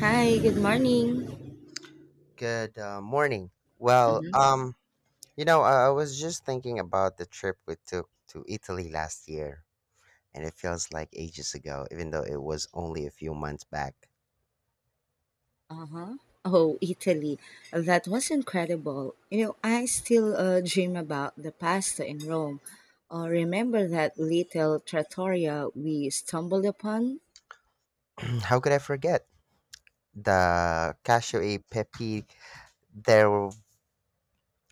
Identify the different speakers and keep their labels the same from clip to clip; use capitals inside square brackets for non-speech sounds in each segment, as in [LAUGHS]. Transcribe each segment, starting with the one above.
Speaker 1: Hi, good morning.
Speaker 2: Good morning. Well,
Speaker 1: Hmm.
Speaker 2: um, I was just thinking about the trip we took to Italy last year, and it feels like ages ago, even though it was only a few months back.
Speaker 1: Uh-huh. Oh, Italy. That was incredible. You know, I still dream about the pasta in Rome. Remember that little trattoria we stumbled upon?
Speaker 2: [CLEARS THROAT] How could I forget? The cashew e pepe, there w-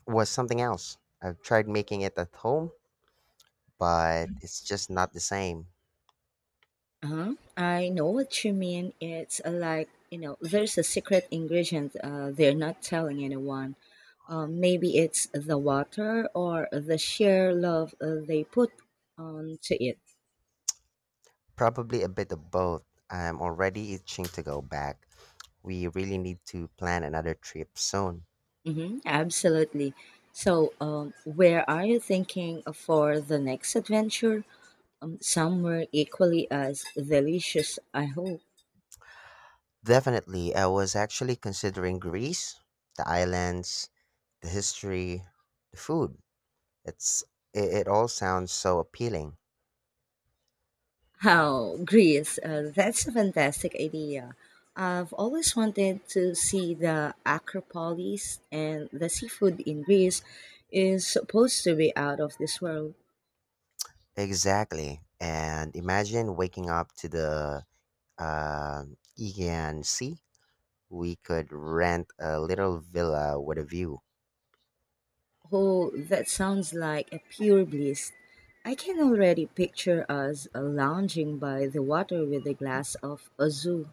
Speaker 2: was something else. I've tried making it at home, but it's just not the same.
Speaker 1: Uh-huh. I know what you mean. It's like, you know, there's a secret ingredient they're not telling anyone. Maybe it's the water or the sheer love they put onto it.
Speaker 2: Probably a bit of both. I'm already itching to go back. We really need to plan another trip soon.
Speaker 1: Hmm, absolutely. So, where are you thinking for the next adventure? Somewhere equally as delicious, I hope.
Speaker 2: Definitely. I was actually considering Greece, the islands, the history, the food. It's it all sounds so appealing.
Speaker 1: Oh, Greece? That's a fantastic idea. I've always wanted to see the Acropolis, and the seafood in Greece is supposed to be out of this world.
Speaker 2: Exactly. And imagine waking up to the uh, Aegean Sea. We could rent a little villa with a view.
Speaker 1: Oh, that sounds like a pure bliss. I can already picture us lounging by the water with a glass of azu.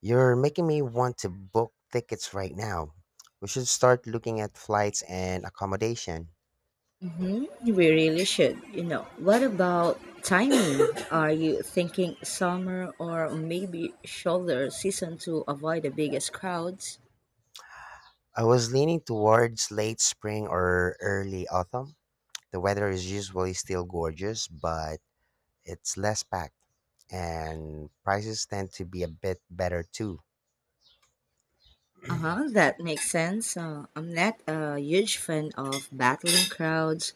Speaker 2: You're making me want to book tickets right now. We should start looking at flights and accommodation.
Speaker 1: Hmm. We really should, you know. What about timing? [COUGHS] Are you thinking summer or maybe shoulder season to avoid the biggest crowds?
Speaker 2: I was leaning towards late spring or early autumn. The weather is usually still gorgeous, but it's less packed, and prices tend to be a bit better too.
Speaker 1: Uh huh,
Speaker 2: [CLEARS THROAT]
Speaker 1: that makes sense. I'm not a huge fan of battling crowds.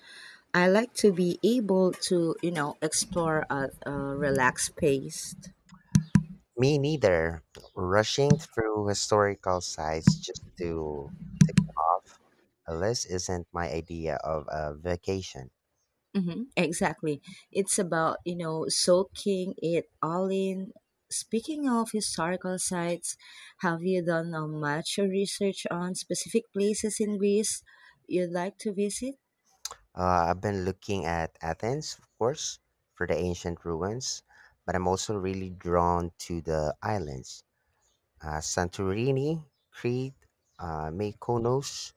Speaker 1: I like to be able to, you know, explore at a relaxed pace.
Speaker 2: Me neither. Rushing through historical sites just to tick them off a list isn't my idea of a vacation.
Speaker 1: Mm-hmm, exactly. It's about, you know, soaking it all in. Speaking of historical sites, have you done much research on specific places in Greece you'd like to visit?
Speaker 2: I've been looking at Athens, of course, for the ancient ruins, but I'm also really drawn to the islands. Santorini, Crete, Mykonos,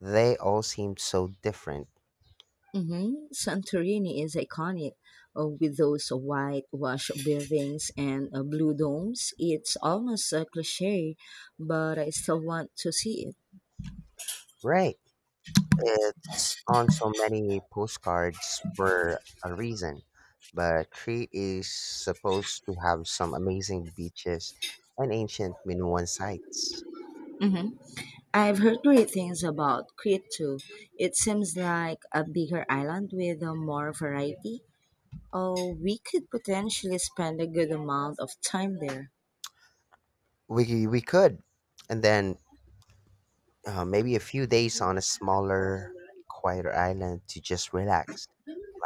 Speaker 2: they all seem so different.
Speaker 1: Mm-hmm. Santorini is iconic with those whitewash buildings and blue domes. It's almost a cliche, but I still want to see it.
Speaker 2: Right. It's on so many postcards for a reason. But Crete is supposed to have some amazing beaches and ancient Minoan sites.
Speaker 1: I've heard great things about Crete too. It seems like a bigger island with a more variety. Oh, we could potentially spend a good amount of time there.
Speaker 2: We could. And then maybe a few days on a smaller, quieter island to just relax,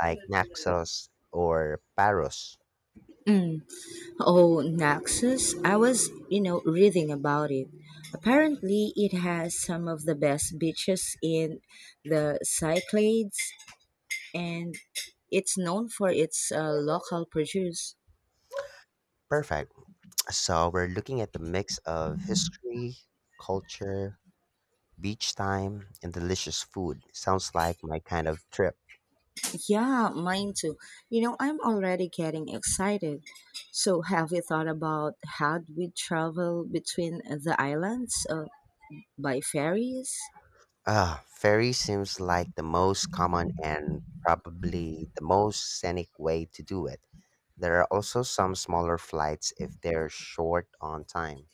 Speaker 2: like Naxos or Paros.
Speaker 1: Mm. Oh, Naxos. I was, you know, reading about it. Apparently, it has some of the best beaches in the Cyclades, and it's known for its local produce.
Speaker 2: Perfect. So we're looking at the mix of history, culture, beach time, and delicious food. Sounds like my kind of trip.
Speaker 1: Yeah, mine too. You know, I'm already getting excited. So, have you thought about how we travel between the islands by ferries?
Speaker 2: Ah, ferry seems like the most common and probably the most scenic way to do it. There are also some smaller flights if they're short on time.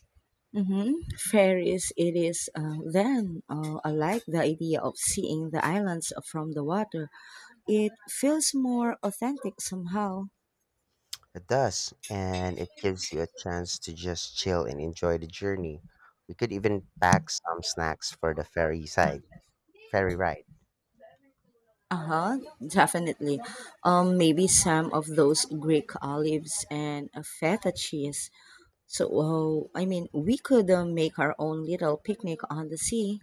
Speaker 1: Mm-hmm. Ferries, it is then. I like the idea of seeing the islands from the water. It feels more authentic somehow.
Speaker 2: It does, and it gives you a chance to just chill and enjoy the journey. We could even pack some snacks for the ferry ride.
Speaker 1: Uh huh, definitely. Maybe some of those Greek olives and feta cheese. So, well, I mean, we could make our own little picnic on the sea.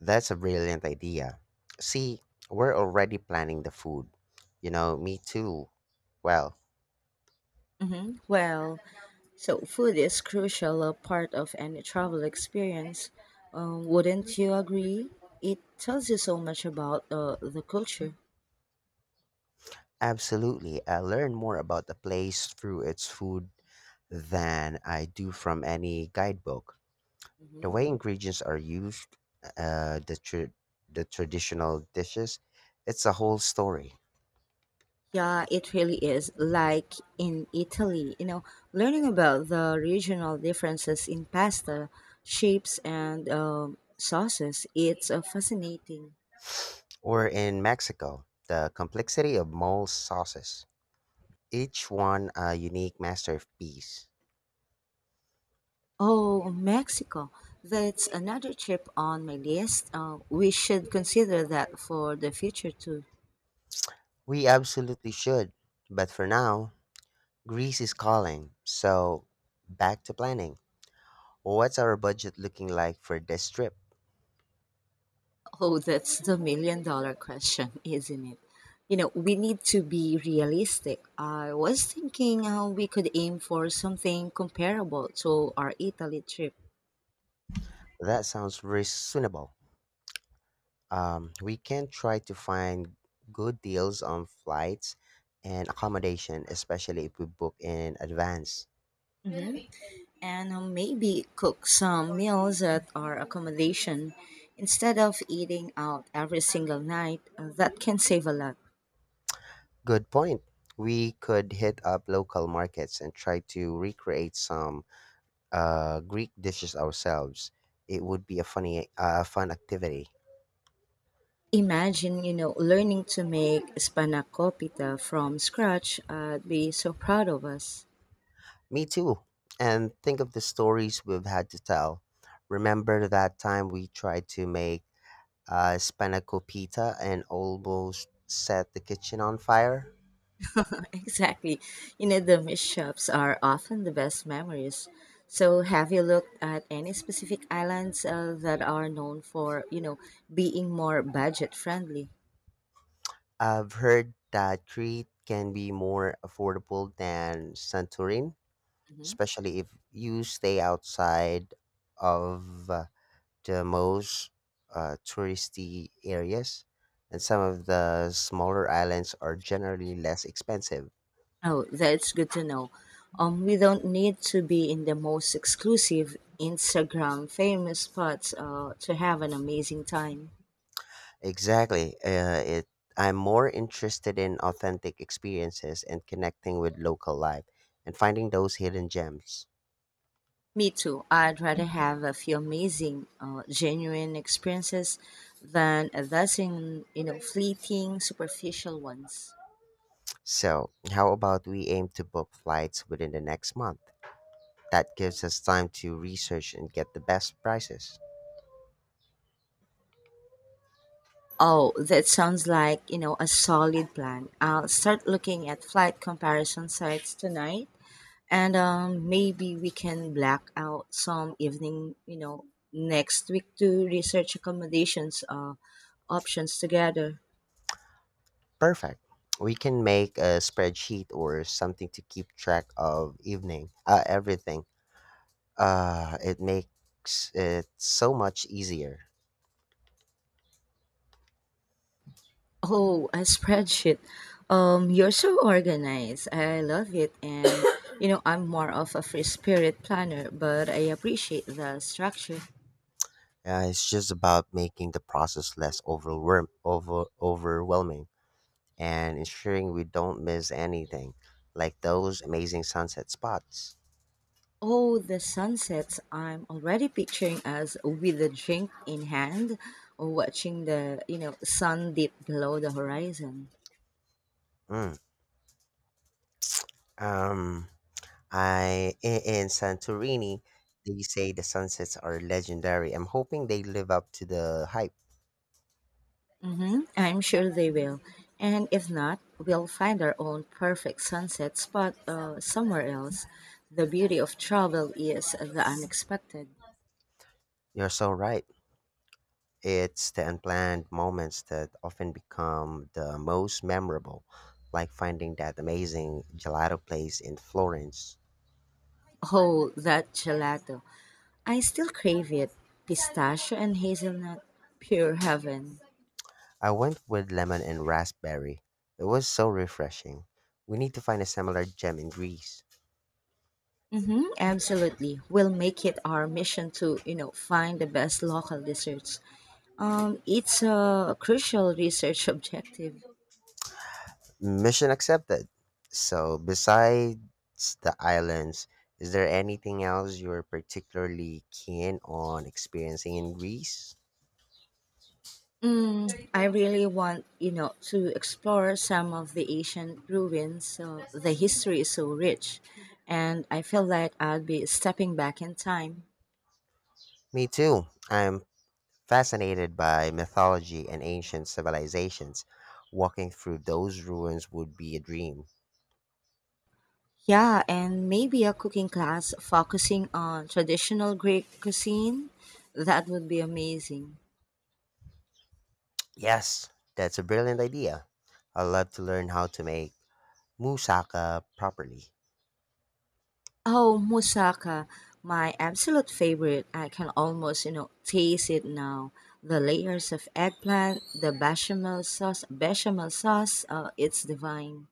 Speaker 2: That's a brilliant idea. See, we're already planning the food. You know, me too. Well,
Speaker 1: Hmm. Well, so food is crucial a part of any travel experience. Wouldn't you agree? It tells you so much about the culture.
Speaker 2: absolutely. I learn more about the place through its food than I do from any guidebook. The
Speaker 1: Hmm.
Speaker 2: way ingredients are used, uh, the tr, the traditional dishes, it's a whole story.
Speaker 1: Yeah, it really is. Like in Italy, you know, learning about the regional differences in pasta shapes and sauces, it's fascinating.
Speaker 2: [SIGHS] Or in Mexico, the complexity of mole sauces, each one a unique masterpiece.
Speaker 1: Oh, Mexico. That's another trip on my list. We should consider that for the future too.
Speaker 2: We absolutely should. But for now, Greece is calling. So, back to planning. What's our budget looking like for this trip?
Speaker 1: Oh, that's the million dollar question, [LAUGHS] isn't it? You know, we need to be realistic. I was thinking we could aim for something comparable to our Italy trip
Speaker 2: That sounds reasonable. We can try to find good deals on flights and accommodation, especially if we book in advance.
Speaker 1: and maybe cook some meals at our accommodation instead of eating out every single night. That can save a lot.
Speaker 2: Good point. We could hit up local markets and try to recreate some Greek dishes ourselves. It would be a fun activity.
Speaker 1: Imagine, you know, learning to make spanakopita from scratch. I'd be so proud of us.
Speaker 2: Me too. And think of the stories we've had to tell. Remember that time we tried to make spanakopita and almost set the kitchen on fire?
Speaker 1: [LAUGHS] Exactly. You know, the mishaps are often the best memories. So, have you looked at any specific islands that are known for, you know, being more budget friendly?
Speaker 2: I've heard that Crete can be more affordable than Santorin,
Speaker 1: Mhm.
Speaker 2: especially if you stay outside of the most touristy areas. And some of the smaller islands are generally less expensive.
Speaker 1: Oh, that's good to know. We don't need to be in the most exclusive Instagram famous spots to have an amazing time.
Speaker 2: Exactly. I'm more interested in authentic experiences and connecting with local life and finding those hidden gems.
Speaker 1: Me too. I'd rather have a few amazing, genuine experiences than a dozen, you know, fleeting, superficial ones.
Speaker 2: So, how about we aim to book flights within the next month? That gives us time to research and get the best prices.
Speaker 1: Oh, that sounds like, you know, a solid plan. I'll start looking at flight comparison sites tonight and maybe we can black out some evening, you know, next week to research accommodations options together.
Speaker 2: Perfect. We can make a spreadsheet or something to keep track of everything. It makes it so much easier.
Speaker 1: Oh, a spreadsheet. You're so organized. I love it. And, you know, I'm more of a free spirit planner, but I appreciate the structure.
Speaker 2: It's just about making the process less overwhelming and ensuring we don't miss anything, like those amazing sunset spots.
Speaker 1: Oh, the sunsets. I'm already picturing us with a drink in hand, watching the, you know, sun dip below the horizon.
Speaker 2: Mm, Um, I In Santorini, they say the sunsets are legendary. I'm hoping they live up to the hype.
Speaker 1: Mm-hmm. I'm sure they will. And if not, we'll find our own perfect sunset spot somewhere else. The beauty of travel is the unexpected.
Speaker 2: You're so right. It's the unplanned moments that often become the most memorable, like finding that amazing gelato place in Florence.
Speaker 1: Oh, that gelato. I still crave it. Pistachio and hazelnut, pure heaven.
Speaker 2: I went with lemon and raspberry. It was so refreshing. We need to find a similar gem in Greece.
Speaker 1: Mm-hmm, absolutely. We'll make it our mission to, you know, find the best local desserts. It's a crucial research [LAUGHS] objective.
Speaker 2: Mission accepted. So, besides the islands, is there anything else you're particularly keen on experiencing in Greece?
Speaker 1: Mm, I really want, you know, to explore some of the ancient ruins. The history is so rich, and I feel like I'll be stepping back in time.
Speaker 2: Me too. I'm Fascinated by mythology and ancient civilizations, walking through those ruins would be a dream.
Speaker 1: Yeah, and maybe a cooking class focusing on traditional Greek cuisine. That would be amazing.
Speaker 2: Yes, that's a brilliant idea. I'd love to learn how to make moussaka properly.
Speaker 1: Oh, moussaka, my absolute favorite. I can almost, you know, taste it now. The layers of eggplant, the bechamel sauce, it's divine.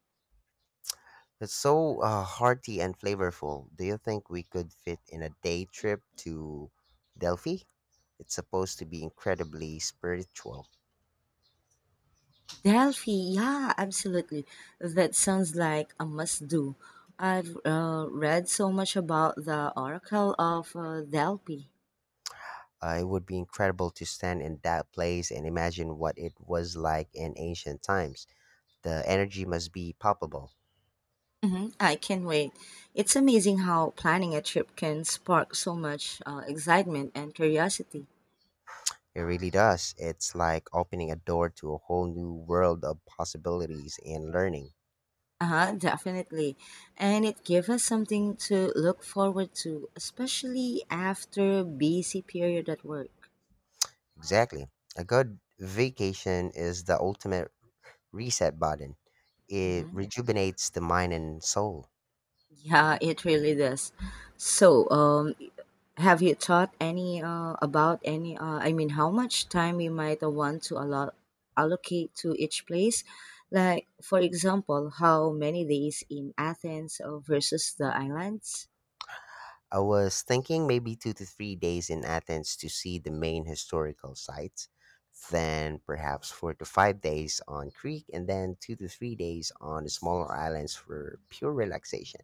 Speaker 2: It's so hearty and flavorful. Do you think we could fit in a day trip to Delphi? It's supposed to be incredibly spiritual.
Speaker 1: Delphi, yeah, absolutely. That sounds like a must do. I've read so much about the Oracle of Delphi.
Speaker 2: It would be incredible to stand in that place and imagine what it was like in ancient times. The energy must be palpable.
Speaker 1: Mhm, I can wait. It's amazing how planning a trip can spark so much excitement and curiosity.
Speaker 2: It really does. It's like opening a door to a whole new world of possibilities and learning.
Speaker 1: Uh-huh, definitely. And it gives us something to look forward to, especially after a busy period at work.
Speaker 2: Exactly. A good vacation is the ultimate reset button. It
Speaker 1: Hmm.
Speaker 2: rejuvenates the mind and soul.
Speaker 1: Yeah, it really does. So, have you thought any? I mean, how much time you might want to allocate to each place? Like, for example, how many days in Athens versus the islands?
Speaker 2: I was thinking maybe 2 to 3 days in Athens to see the main historical sites, then perhaps 4 to 5 days on Crete, and then 2 to 3 days on the smaller islands for pure relaxation.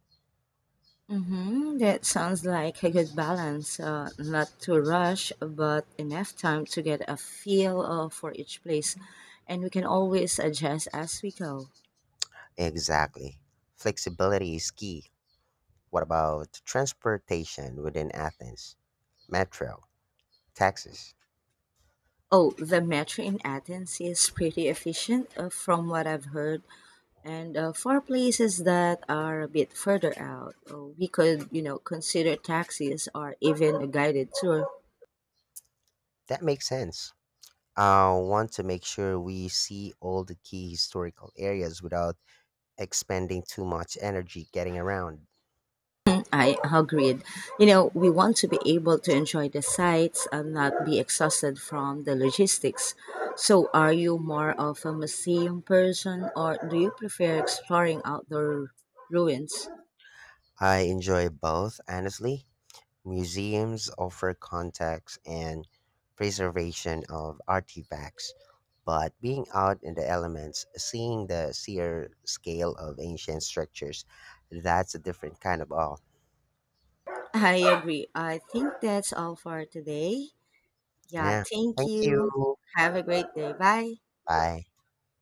Speaker 1: Mm-hmm. That sounds like a good balance. Not too rush, but enough time to get a feel for each place. And we can always adjust as we go.
Speaker 2: Exactly. Flexibility is key. What about transportation within Athens? Metro, taxis.
Speaker 1: Oh, the metro in Athens is pretty efficient from what I've heard. And for places that are a bit further out, we could, you know, consider taxis or even a guided tour.
Speaker 2: That makes sense. I want to make sure we see all the key historical areas without expending too much energy getting around.
Speaker 1: [CLEARS THROAT] I agreed. You know, we want to be able to enjoy the sights and not be exhausted from the logistics. So, are you more of a museum person or do you prefer exploring outdoor ruins?
Speaker 2: I enjoy both, honestly. Museums offer contacts and preservation of artifacts, but being out in the elements, seeing the sheer scale of ancient structures, that's a different kind of awe.
Speaker 1: I agree. I think that's all for today. Yeah,
Speaker 2: Yeah.
Speaker 1: thank
Speaker 2: Thank
Speaker 1: you.
Speaker 2: you.
Speaker 1: Have a great day. Bye.
Speaker 2: Bye.